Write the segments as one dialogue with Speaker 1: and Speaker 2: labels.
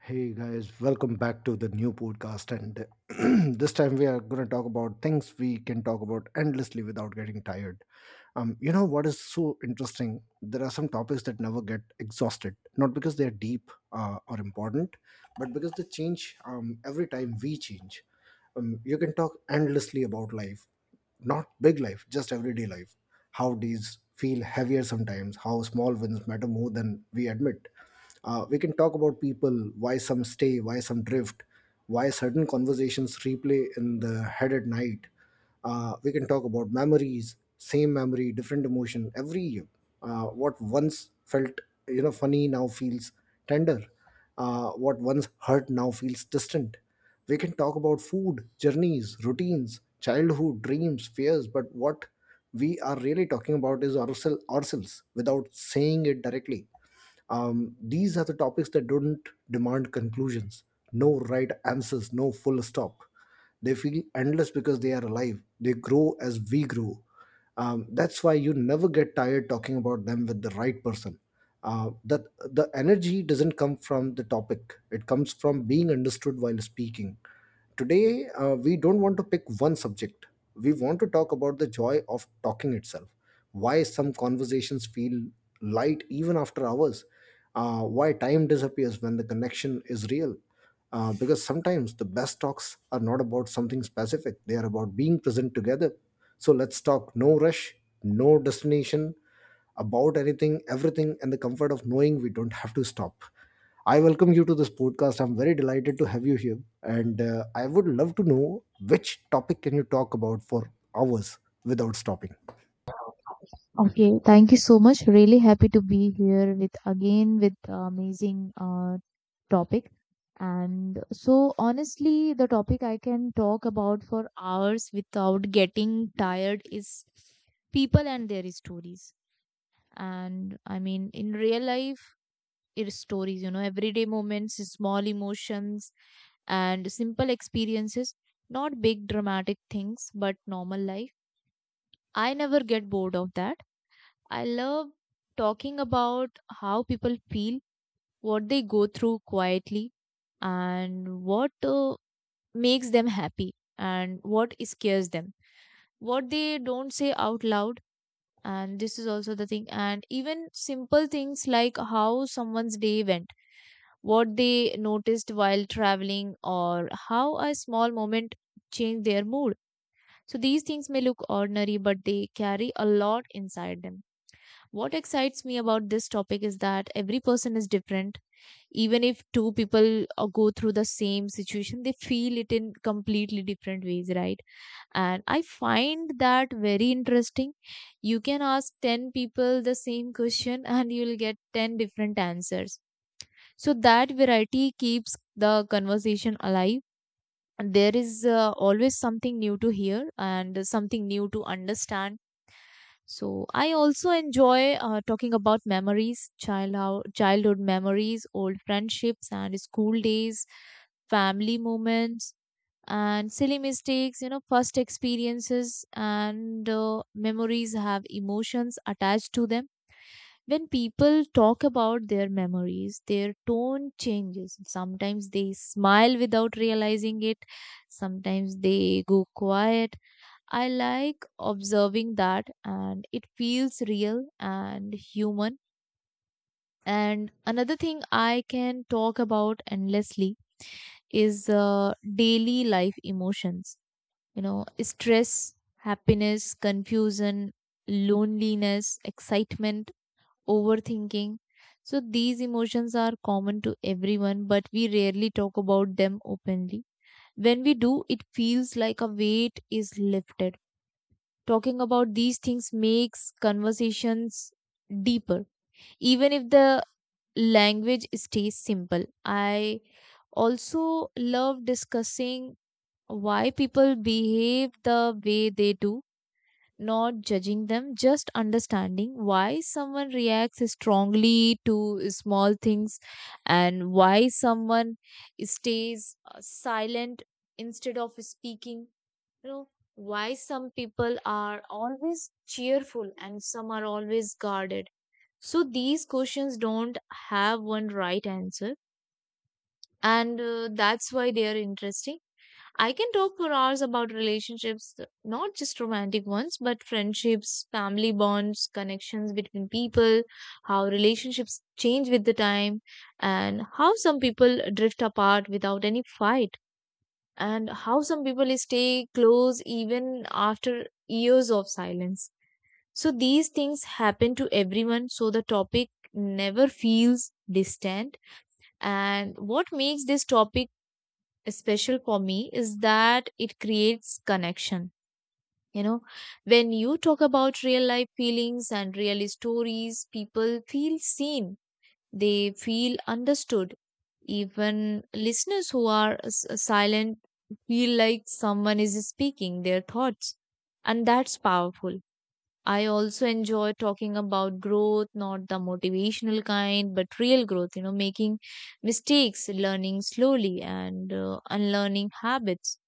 Speaker 1: Hey guys, welcome back to the new podcast. And this time we are going to talk about things we can talk about endlessly without getting tired. You know what is so interesting? There are some topics that never get exhausted, not because they are deep or important, but because they change every time we change. You can talk endlessly about life, not big life, just everyday life, how these feel heavier sometimes, how small wins matter more than we admit. We can talk about people, why some stay, why some drift, why certain conversations replay in the head at night. We can talk about memories, same memory, different emotion. Every what once felt funny now feels tender. What once hurt now feels distant. We can talk about food, journeys, routines, childhood, dreams, fears, but what we are really talking about is ourselves without saying it directly. These are the topics that don't demand conclusions, no right answers, no full stop. They feel endless because they are alive. They grow as we grow. That's why you never get tired talking about them with the right person. That The energy doesn't come from the topic; it comes from being understood while speaking. Today, we don't want to pick one subject. We want to talk about the joy of talking itself. Why some conversations feel light even after hours. Why time disappears when the connection is real. Because sometimes the best talks are not about something specific, they are about being present together. So let's talk, no rush, no destination, about anything, everything, and the comfort of knowing we don't have to stop. I welcome you to this podcast. I'm very delighted to have you here, and I would love to know which topic can you talk about for hours without stopping.
Speaker 2: Okay, thank you so much. Really happy to be here with again with amazing topic. And so honestly, the topic I can talk about for hours without getting tired is people and their stories. And I mean, in real life, it's stories, everyday moments, small emotions, and simple experiences, not big dramatic things, but normal life. I never get bored of that. I love talking about how people feel, what they go through quietly, and what makes them happy, and what scares them, what they don't say out loud. And this is also the thing. And even simple things like how someone's day went, what they noticed while traveling, or how a small moment changed their mood. So these things may look ordinary, but they carry a lot inside them. What excites me about this topic is that every person is different. Even if two people go through the same situation, they feel it in completely different ways, right? And I find that very interesting. You can ask 10 people the same question and you'll get 10 different answers. So that variety keeps the conversation alive. And there is always something new to hear and something new to understand, so I also enjoy talking about memories, childhood memories, old friendships and school days, family moments and silly mistakes, first experiences, and memories have emotions attached to them. When people talk about their memories, their tone changes. Sometimes they smile without realizing it. Sometimes they go quiet. I like observing that, and it feels real and human. And another thing I can talk about endlessly is daily life emotions. You know, stress, happiness, confusion, loneliness, excitement, overthinking. So these emotions are common to everyone, but we rarely talk about them openly. When we do, it feels like a weight is lifted. Talking about these things makes conversations deeper, even if the language stays simple. I also love discussing why people behave the way they do, not judging them, just understanding why someone reacts strongly to small things, and why someone stays silent instead of speaking. You know, why some people are always cheerful and some are always guarded. So these questions don't have one right answer, and that's why they are interesting. I can talk for hours about relationships, not just romantic ones but friendships, family bonds, connections between people, how relationships change with the time, and how some people drift apart without any fight, and how some people stay close even after years of silence. So these things happen to everyone, so the topic never feels distant. And what makes this topic special for me is that it creates connection. You know, when you talk about real life feelings and real stories, people feel seen, they feel understood. Even listeners who are silent feel like someone is speaking their thoughts, and that's powerful. I also enjoy talking about growth, not the motivational kind, but real growth, you know, making mistakes, learning slowly, and unlearning habits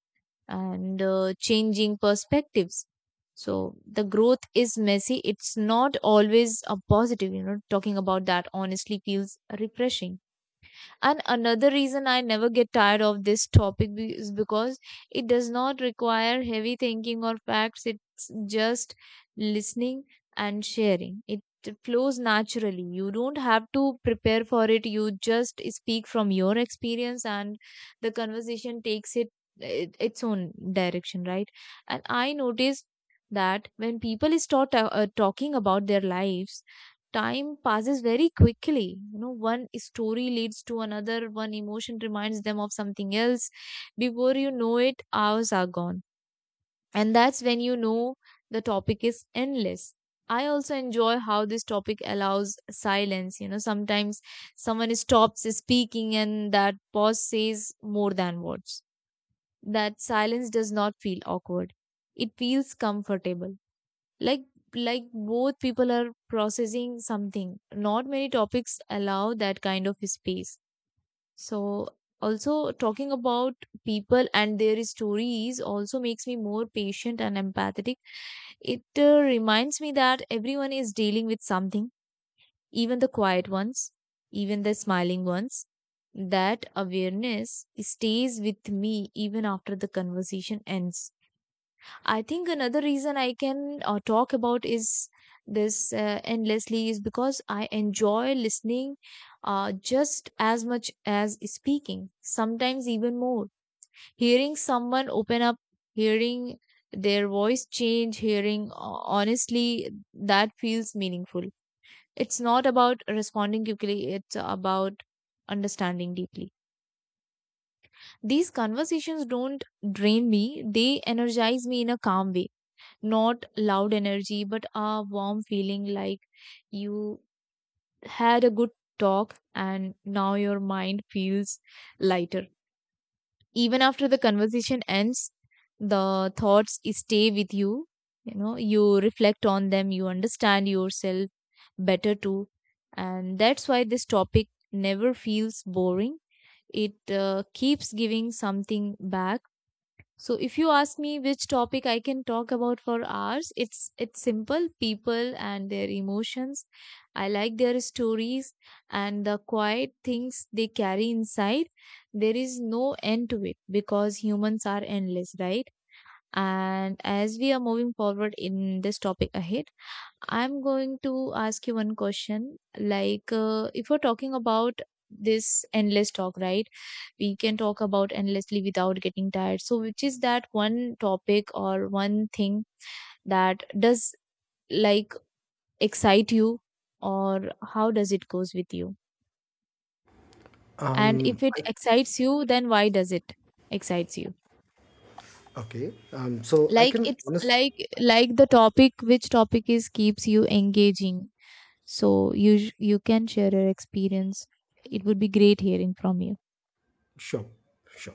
Speaker 2: and changing perspectives. So the growth is messy. It's not always a positive, you know, talking about that honestly feels refreshing. And another reason I never get tired of this topic is because it does not require heavy thinking or facts, it's just listening and sharing. It flows naturally. You don't have to prepare for it, you just speak from your experience, and the conversation takes Its own direction, right? And I noticed that when people start talking about their lives, time passes very quickly. You know, one story leads to another, one emotion reminds them of something else, before you know it hours are gone. And that's when you know the topic is endless. I also enjoy how this topic allows silence. You know, sometimes someone stops speaking and that pause says more than words. That silence does not feel awkward, it feels comfortable, like like both people are processing something. Not many topics allow that kind of space. So also, talking about people and their stories also makes me more patient and empathetic. It reminds me that everyone is dealing with something, even the quiet ones, even the smiling ones. That awareness stays with me even after the conversation ends. I think another reason I can talk about is this endlessly is because I enjoy listening just as much as speaking, sometimes even more. Hearing someone open up, hearing their voice change, hearing honestly, that feels meaningful. It's not about responding quickly, it's about understanding deeply. These conversations don't drain me, they energize me in a calm way, not loud energy but a warm feeling, like you had a good talk and now your mind feels lighter. Even after the conversation ends, the thoughts stay with you. You know, you reflect on them, you understand yourself better too. And that's why this topic never feels boring. It keeps giving something back. So if you ask me which topic I can talk about for hours, it's simple, people and their emotions. I like their stories and the quiet things they carry inside. There is no end to it because humans are endless, right? And as we are moving forward in this topic ahead, I'm going to ask you one question. Like, if we're talking about this endless talk, right? We can talk about endlessly without getting tired. So, which is that one topic or one thing that does, like, excite you, or how does it goes with you? And
Speaker 1: Um,
Speaker 2: if it
Speaker 1: I,
Speaker 2: excites you, then why does it excites you?
Speaker 1: okay.
Speaker 2: Like it's like the topic, which topic is keeps you engaging. So you you can share your experience. It would be great hearing from you.
Speaker 1: Sure, sure.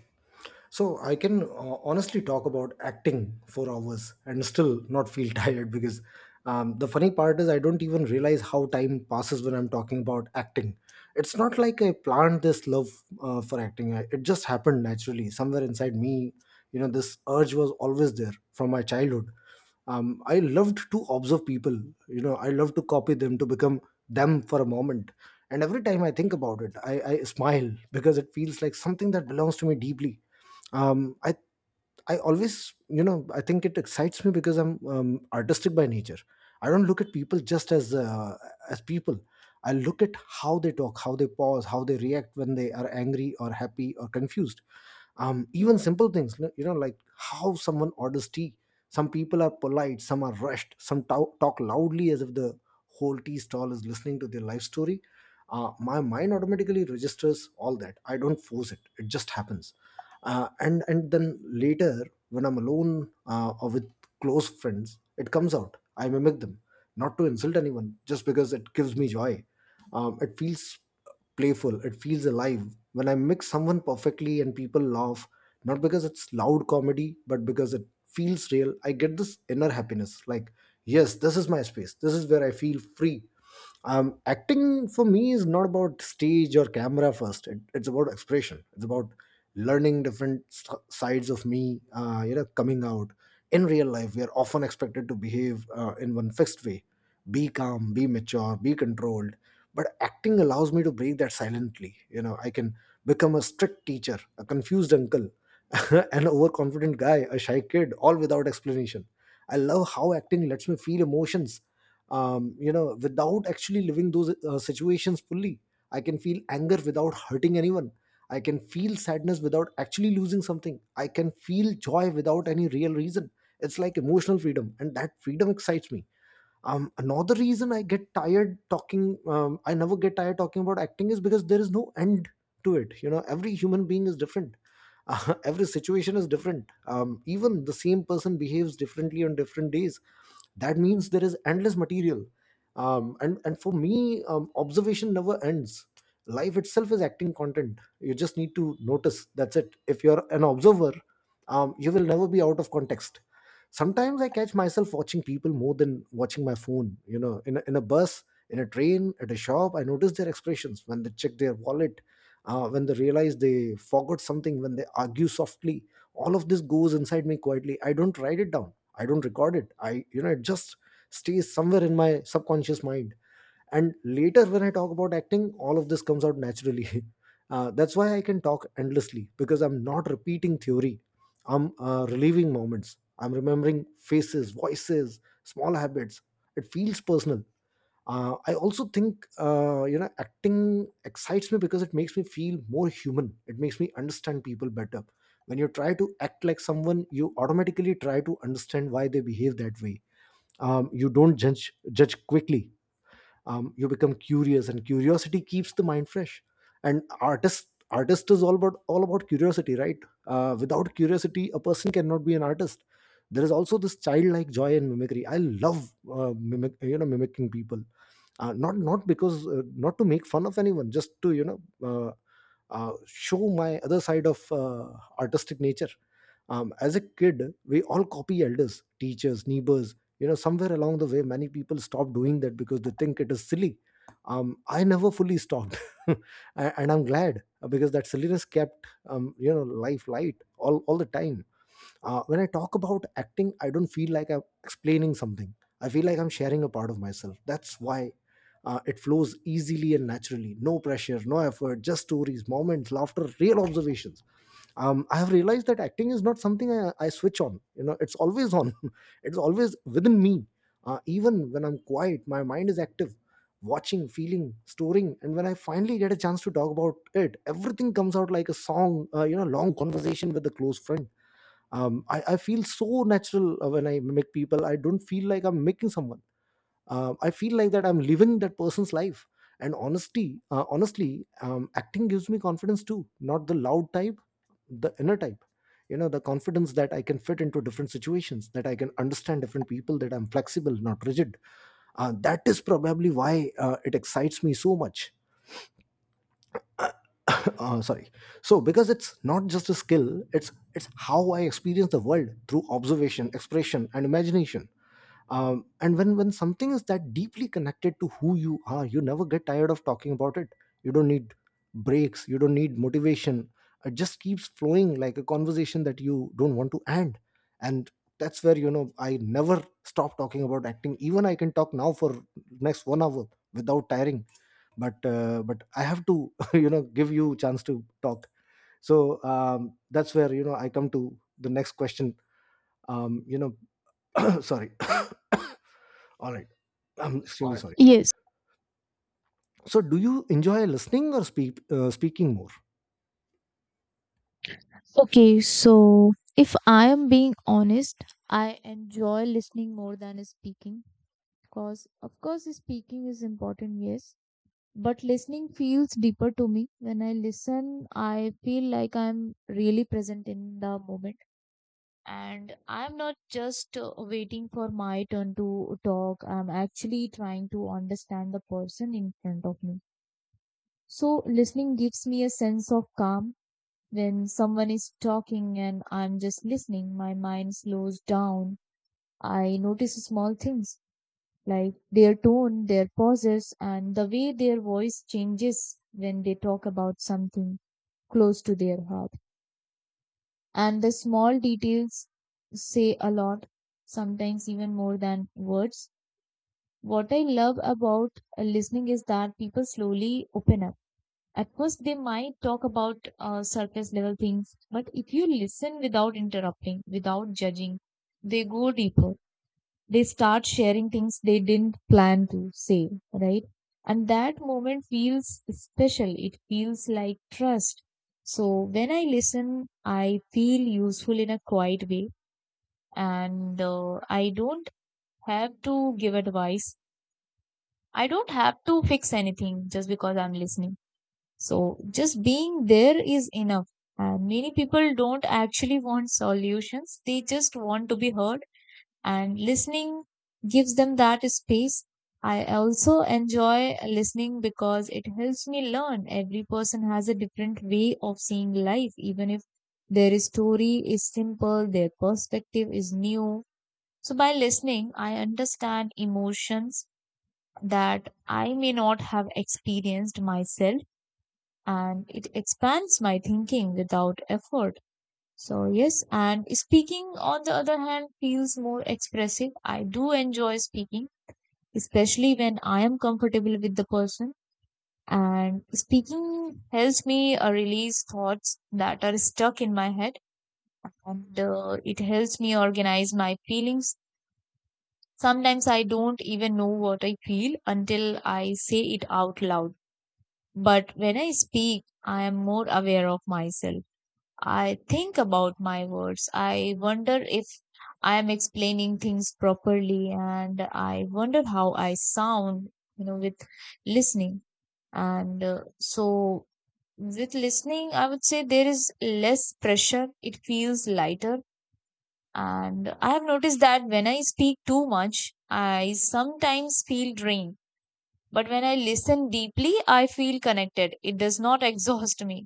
Speaker 1: So I can honestly talk about acting for hours and still not feel tired because the funny part is I don't even realize how time passes when I'm talking about acting. It's not like I planned this love for acting. It just happened naturally somewhere inside me. You know, this urge was always there from my childhood. I loved to observe people. You know, I loved to copy them, to become them for a moment. And every time I think about it, I smile because it feels like something that belongs to me deeply. Um i i always, you know, I think it excites me because I'm artistic by nature. I don't look at people just as people. I look at how they talk, how they pause, how they react when they are angry or happy or confused. Even simple things, you know, like how someone orders tea. Some people are polite, some are rushed, talk loudly as if the whole tea stall is listening to their life story. My mind automatically registers all that. I don't force it, it just happens. And then later when I'm alone, or with close friends, it comes out. I mimic them, not to insult anyone, just because it gives me joy. It feels playful, it feels alive. When I mix someone perfectly and people laugh, not because it's loud comedy, but because it feels real, I get this inner happiness. Like, yes, this is my space. This is where I feel free. Acting for me is not about stage or camera first. It's about expression, it's about learning different sides of me, you know, coming out. In real life we are often expected to behave in one fixed way: be calm, be mature, be controlled. But acting allows me to break that silently. You know, I can become a strict teacher, a confused uncle, an overconfident guy, a shy kid, all without explanation. I love how acting lets me feel emotions, you know, without actually living those situations fully. I can feel anger without hurting anyone. I can feel sadness without actually losing something. I can feel joy without any real reason. It's like emotional freedom, and that freedom excites me. Another reason I get tired talking I never get tired talking about acting is because there is no end to it. You know, every human being is different. Every situation is different. Even the same person behaves differently on different days. That means there is endless material. And for me, observation never ends. Life itself is acting content, you just need to notice, that's it. If you're an observer, you will never be out of context. Sometimes I catch myself watching people more than watching my phone. You know, in a bus, in a train, at a shop, I notice their expressions when they check their wallet, when they realize they forgot something, when they argue softly. All of this goes inside me quietly. I don't write it down, I don't record it, I you know, it just stays somewhere in my subconscious mind. And later when I talk about acting, all of this comes out naturally. That's why I can talk endlessly, because I'm not repeating theory. I'm relieving moments. I'm remembering faces, voices, small habits. It feels personal. I also think, you know, acting excites me because it makes me feel more human. It makes me understand people better. When you try to act like someone, you automatically try to understand why they behave that way. You don't judge quickly. You become curious, and curiosity keeps the mind fresh. And artist is all about, curiosity, right? Without curiosity a person cannot be an artist. There is also this childlike joy in mimicry. I love, mimic you know, mimicking people, not because, not to make fun of anyone, just to, you know, uh, show my other side of, artistic nature. As a kid we all copy elders, teachers, neighbors. You know, somewhere along the way many people stop doing that because they think it is silly. I never fully stopped. And I'm glad, because that silliness kept, you know, life light all the time. When I talk about acting, I don't feel like I'm explaining something. I feel like I'm sharing a part of myself. That's why it flows easily and naturally. No pressure, no effort, just stories, moments, laughter, real observations. I have realized that acting is not something I switch on. You know, it's always on. It's always within me. Even when I'm quiet, my mind is active, watching, feeling, storing. And when I finally get a chance to talk about it, everything comes out like a song. You know, long conversation with a close friend. I feel so natural when I mimic people. I don't feel like I'm making someone, I feel like that I'm living that person's life. And honesty honestly, acting gives me confidence too, not the loud type, the inner type. You know, the confidence that I can fit into different situations, that I can understand different people, that I'm flexible, not rigid. That is probably why it excites me so much. Sorry. So, because it's not just a skill, it's how I experience the world through observation, expression and imagination. And when something is that deeply connected to who you are, you never get tired of talking about it. You don't need breaks, you don't need motivation. It just keeps flowing, like a conversation that you don't want to end. And that's where, you know, I never stop talking about acting. Even I can talk now for next 1 hour without tiring. But I have to, you know, give you chance to talk. So, that's where, you know, I come to the next question. You know, sorry. All right. I'm extremely sorry.
Speaker 2: Yes.
Speaker 1: So, do you enjoy listening or speaking more?
Speaker 2: Okay, so if I am being honest, I enjoy listening more than speaking, because of course speaking is important, yes, but listening feels deeper to me. When I listen, I feel like I'm really present in the moment and I'm not just waiting for my turn to talk. I'm actually trying to understand the person in front of me. So listening gives me a sense of calm. When someone is talking and I'm just listening, my mind slows down. I notice small things like their tone, their pauses, and the way their voice changes when they talk about something close to their heart. And the small details say a lot, sometimes even more than words. What I love about listening is that people slowly open up. At first, they might talk about surface level things, but if you listen without interrupting, without judging, they go deeper. They start sharing things they didn't plan to say, right? And that moment feels special. It feels like trust. So when I listen, I feel useful in a quiet way, and I don't have to give advice. I don't have to fix anything just because I'm listening. So just being there is enough. And many people don't actually want solutions. They just want to be heard, and listening gives them that space. I also enjoy listening because it helps me learn. Every person has a different way of seeing life, even if their story is simple, their perspective is new. So by listening, I understand emotions that I may not have experienced myself, and it expands my thinking without effort. So, yes, and speaking on the other hand feels more expressive. I do enjoy speaking, especially when I am comfortable with the person. And speaking helps me release thoughts that are stuck in my head, and it helps me organize my feelings. Sometimes I don't even know what I feel until I say it out loud. But when I speak, I am more aware of myself. I think about my words. I wonder if I am explaining things properly, and I wonder how I sound, you know, with listening. And uh, so, with listening, I would say there is less pressure, it feels lighter. And I have noticed that when I speak too much, I sometimes feel drained. But when I listen deeply, I feel connected. It does not exhaust me,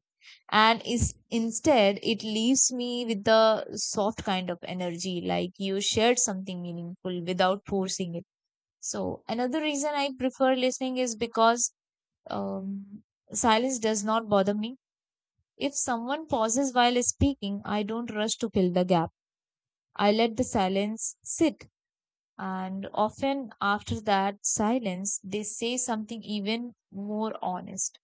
Speaker 2: and is instead it leaves me with the soft kind of energy, like you shared something meaningful without forcing it. So another reason I prefer listening is because um, silence does not bother me. If someone pauses while speaking, I don't rush to fill the gap. I let the silence sit, and often after that silence they say something even more honest,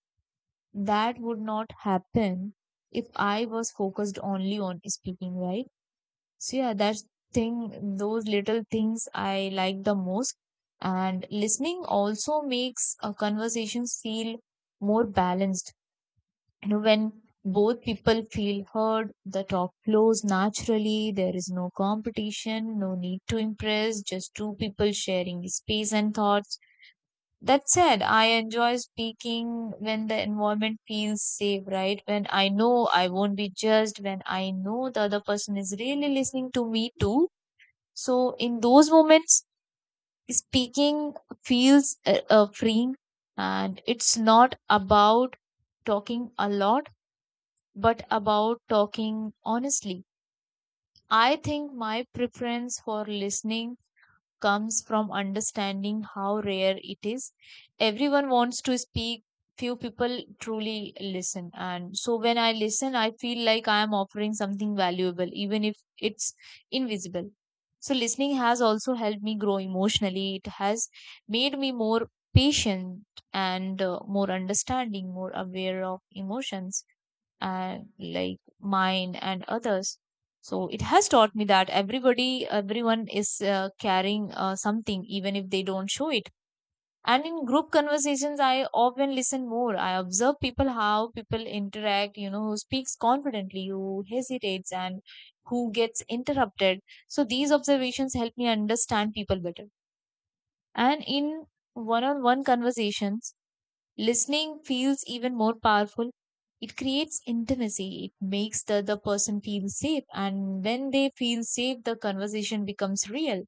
Speaker 2: that would not happen if I was focused only on speaking, right? So yeah, that's thing, those little things I like the most. And listening also makes a conversation feel more balanced. You know, when both people feel heard, the talk flows naturally, there is no competition, no need to impress, just two people sharing space and thoughts. That said, I enjoy speaking when the environment feels safe, right? When I know I won't be judged, when I know the other person is really listening to me too. So, in those moments, speaking feels freeing, and it's not about talking a lot, but about talking honestly. I think my preference for listening comes from understanding how rare it is. Everyone wants to speak, few people truly listen. And so when I listen, I feel like I am offering something valuable, even if it's invisible. So listening has also helped me grow emotionally. It has made me more patient and more understanding, more aware of emotions and like mine and others, so it has taught me that everybody everyone is carrying something even if they don't show it. And in group conversations, I often listen more. I observe people, how people interact, you know, who speaks confidently, who hesitates, and who gets interrupted. So these observations help me understand people better. And in one on one conversations, listening feels even more powerful. It creates intimacy. It makes the other person feel safe. And when they feel safe, the conversation becomes real.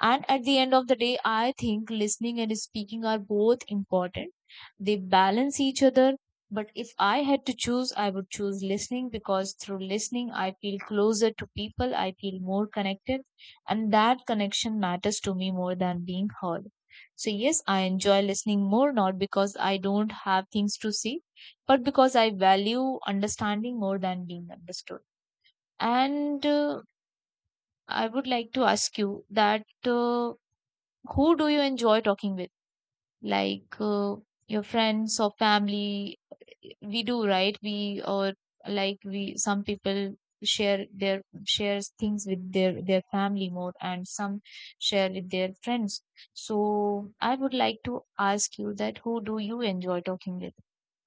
Speaker 2: And at the end of the day, I think listening and speaking are both important. They balance each other. But if I had to choose, I would choose listening because through listening, I feel closer to people, I feel more connected, and that connection matters to me more than being heard. So, yes, I enjoy listening more not because I don't have things to say, but because I value understanding more than being understood. And I would like to ask you that. Who do you enjoy talking with? Like your friends or family? We do, right? We or like we, some people share their shares things with their family more and some share with their friends. So I would like to ask you that who do you enjoy talking with?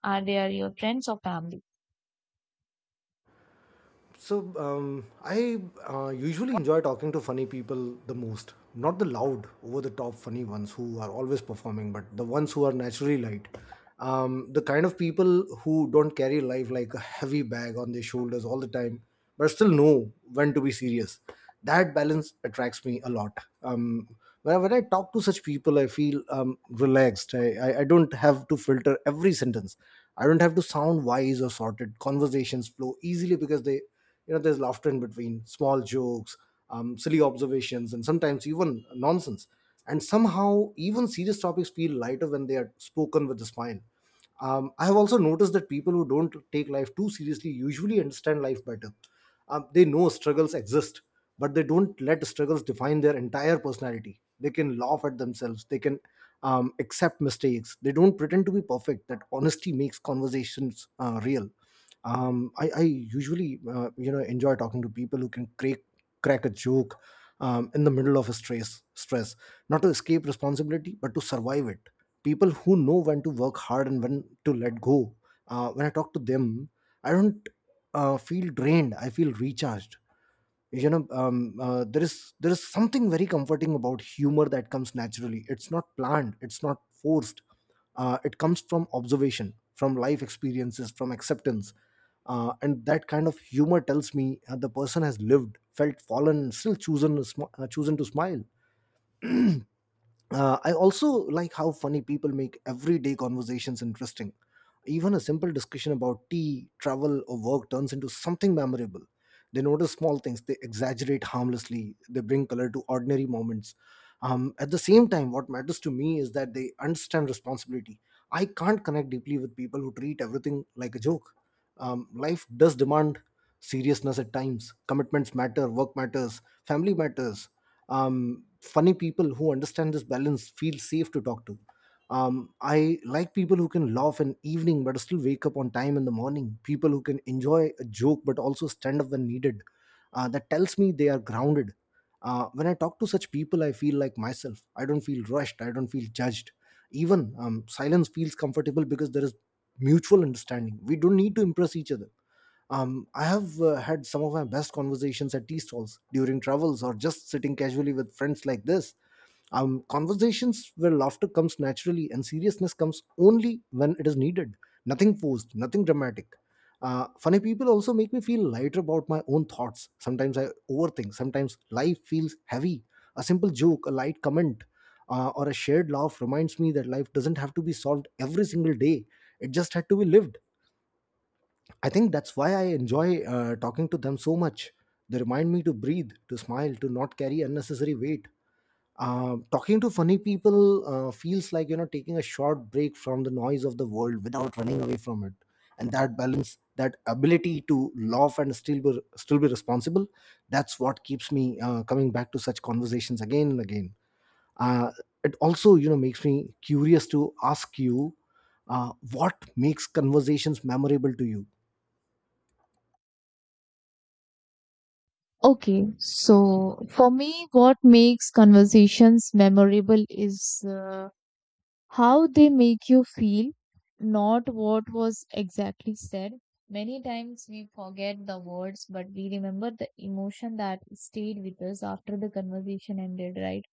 Speaker 2: Are your friends or family?
Speaker 1: So I usually enjoy talking to funny people the most, not the loud, over the top funny ones who are always performing, but the ones who are naturally light. The kind of people who don't carry life like a heavy bag on their shoulders all the time, but still know when to be serious. That balance attracts me a lot. Um, when I talk to such people, I feel relaxed. I don't have to filter every sentence. I don't have to sound wise or sorted. Conversations flow easily because they there's laughter in between small jokes, silly observations, and sometimes even nonsense. And somehow even serious topics feel lighter when they are spoken with a smile. I have also noticed that people who don't take life too seriously usually understand life better. They know struggles exist, but they don't let struggles define their entire personality. They can laugh at themselves, they can accept mistakes, they don't pretend to be perfect. That honesty makes conversations real. I usually enjoy talking to people who can crack a joke in the middle of a stress, not to escape responsibility but to survive it. People who know when to work hard and when to let go. When I talk to them, I don't feel drained, I feel recharged, you know. There is something very comforting about humor that comes naturally. It's not planned, it's not forced. It comes from observation, from life experiences, from acceptance. And that kind of humor tells me the person has lived, felt, fallen, and still chosen to chosen to smile. I also like how funny people make everyday conversations interesting. Even a simple discussion about tea, travel, or work turns into something memorable. They notice small things, they exaggerate harmlessly, they bring color to ordinary moments. At the same time, what matters to me is that they understand responsibility. I can't connect deeply with people who treat everything like a joke. Life does demand seriousness at times. Commitments matter, work matters, family matters. Funny people who understand this balance feel safe to talk to. I like people who can laugh in evening but still wake up on time in the morning, people who can enjoy a joke but also stand up when needed. That tells me they are grounded. When I talk to such people, I feel like myself. I don't feel rushed, I don't feel judged. Even silence feels comfortable, because there is mutual understanding. We don't need to impress each other. I have had some of my best conversations at tea stalls, during travels, or just sitting casually with friends like this. Conversations where laughter comes naturally and seriousness comes only when it is needed. Nothing forced, nothing dramatic. Funny people also make me feel lighter about my own thoughts. Sometimes I overthink, sometimes life feels heavy. A simple joke, a light comment, or a shared laugh reminds me that life doesn't have to be solved every single day, it just had to be lived. I think that's why I enjoy talking to them so much. They remind me to breathe, to smile, to not carry unnecessary weight. Um, talking to funny people feels like taking a short break from the noise of the world without running away from it. And that balance, that ability to laugh and still be responsible, that's what keeps me coming back to such conversations again and again. Uh, it also makes me curious to ask you, uh, what makes conversations memorable to you?
Speaker 2: Okay, so for me, what makes conversations memorable is how they make you feel, not what was exactly said. Many times we forget the words, but we remember the emotion that stayed with us after the conversation ended, right?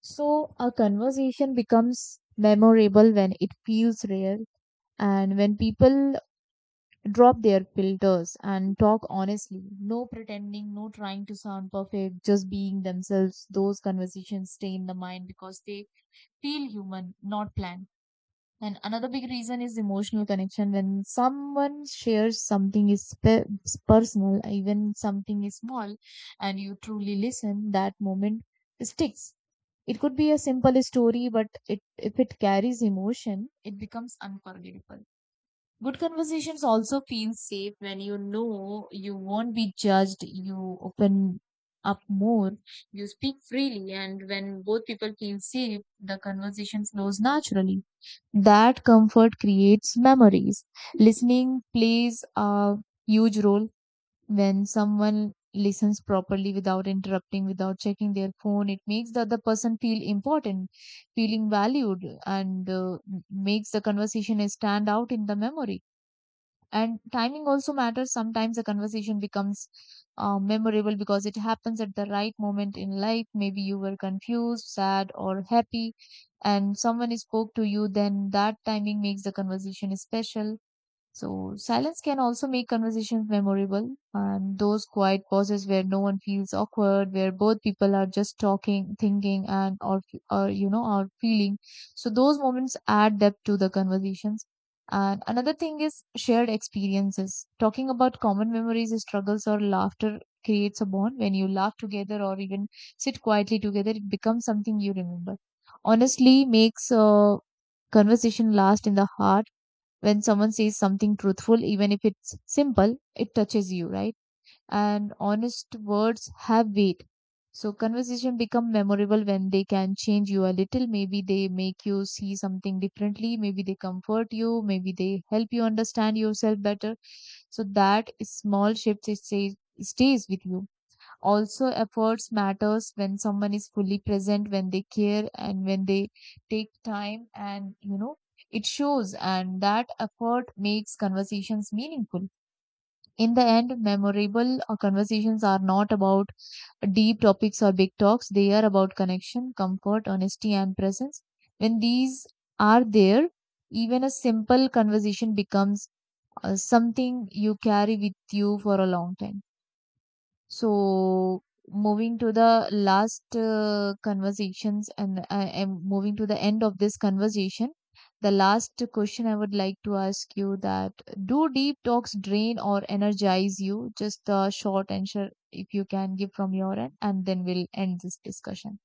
Speaker 2: So a conversation becomes memorable when it feels real and when people drop their filters and talk honestly. No pretending, no trying to sound perfect, just being themselves. Those conversations stay in the mind because they feel human, not planned. And another big reason is emotional connection. When someone shares something is personal, even something is small, and you truly listen, that moment sticks. It could be a simple story, but it if it carries emotion, it becomes unforgettable. Good conversations also feel safe when you know you won't be judged. You open up more, you speak freely, and when both people feel safe, the conversation flows naturally. That comfort creates memories. Listening plays a huge role when someone listens properly without interrupting, without checking their phone. It makes the other person feel important, feeling valued, and makes the conversation stand out in the memory. And timing also matters. Sometimes a conversation becomes memorable because it happens at the right moment in life. Maybe you were confused, sad, or happy, and someone spoke to you, then that timing makes the conversation special. So silence can also make conversations memorable, and those quiet pauses where no one feels awkward, where both people are just talking, thinking, and or you know or feeling. So those moments add depth to the conversations. And another thing is shared experiences. Talking about common memories, struggles, or laughter creates a bond. When you laugh together or even sit quietly together, it becomes something you remember. Honestly, makes a conversation last in the heart when someone says something truthful, even if it's simple, it touches you, right? And honest words have weight. So conversation become memorable when they can change you a little. Maybe they make you see something differently. Maybe they comfort you. Maybe they help you understand yourself better. So that small shift, it stays with you. Also, efforts matters when someone is fully present, when they care, and when they take time, and you know, it shows, and that effort makes conversations meaningful. In the end, memorable conversations are not about deep topics or big talks. They are about connection, comfort, honesty, and presence. When these are there, even a simple conversation becomes something you carry with you for a long time. So, moving to the last conversations, and I am moving to the end of this conversation. The last question I would like to ask you that do deep talks drain or energize you? Just a short answer if you can give from your end, and then we'll end this discussion.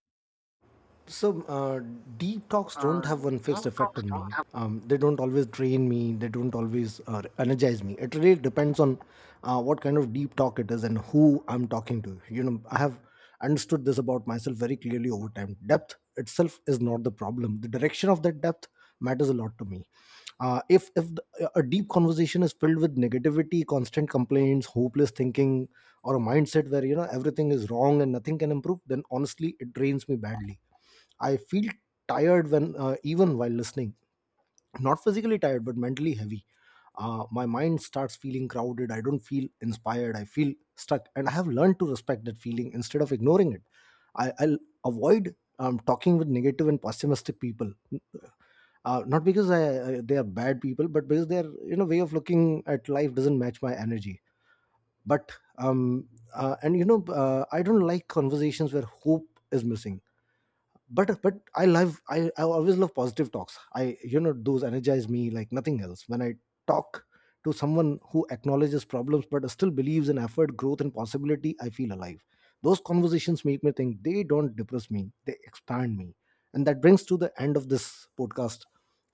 Speaker 1: So deep talks don't have one fixed effect on me. They don't always drain me, they don't always energize me. It really depends on what kind of deep talk it is and who I'm talking to. You know, I have understood this about myself very clearly over time. Depth itself is not the problem. The direction of that depth matters a lot to me. If a deep conversation is filled with negativity, constant complaints, hopeless thinking, or a mindset where everything is wrong and nothing can improve, then honestly it drains me badly. I feel tired when even while listening, not physically tired but mentally heavy. My mind starts feeling crowded. I don't feel inspired. I feel stuck, and I have learned to respect that feeling instead of ignoring it. I'll avoid talking with negative and pessimistic people, not because they are bad people, but because their way of looking at life doesn't match my energy. But I don't like conversations where hope is missing, but I always love positive talks. I you know Those energize me like nothing else. When I talk to someone who acknowledges problems but still believes in effort, growth, and possibility, I feel alive. Those conversations make me think, they don't depress me, they expand me. And that brings to the end of this podcast.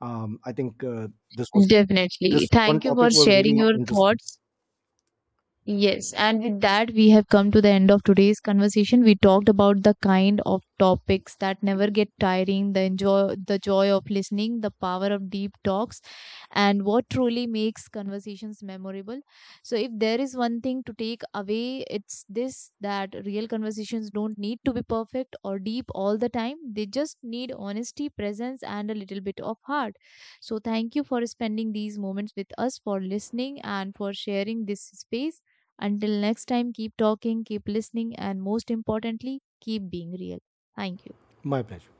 Speaker 1: I think this was
Speaker 2: Definitely.
Speaker 1: This one
Speaker 2: Thank you for
Speaker 1: topic was
Speaker 2: sharing
Speaker 1: really
Speaker 2: your
Speaker 1: interesting.
Speaker 2: thoughts. Yes, and with that, we have come to the end of today's conversation. We talked about the kind of topics that never get tiring, the enjoy, the joy of listening, the power of deep talks, and what truly makes conversations memorable. So, if there is one thing to take away, it's this that real conversations don't need to be perfect or deep all the time. They just need honesty, presence, and a little bit of heart. So, thank you for spending these moments with us, for listening, and for sharing this space. Until next time, keep talking, keep listening, and most importantly, keep being real. Thank you.
Speaker 1: My pleasure.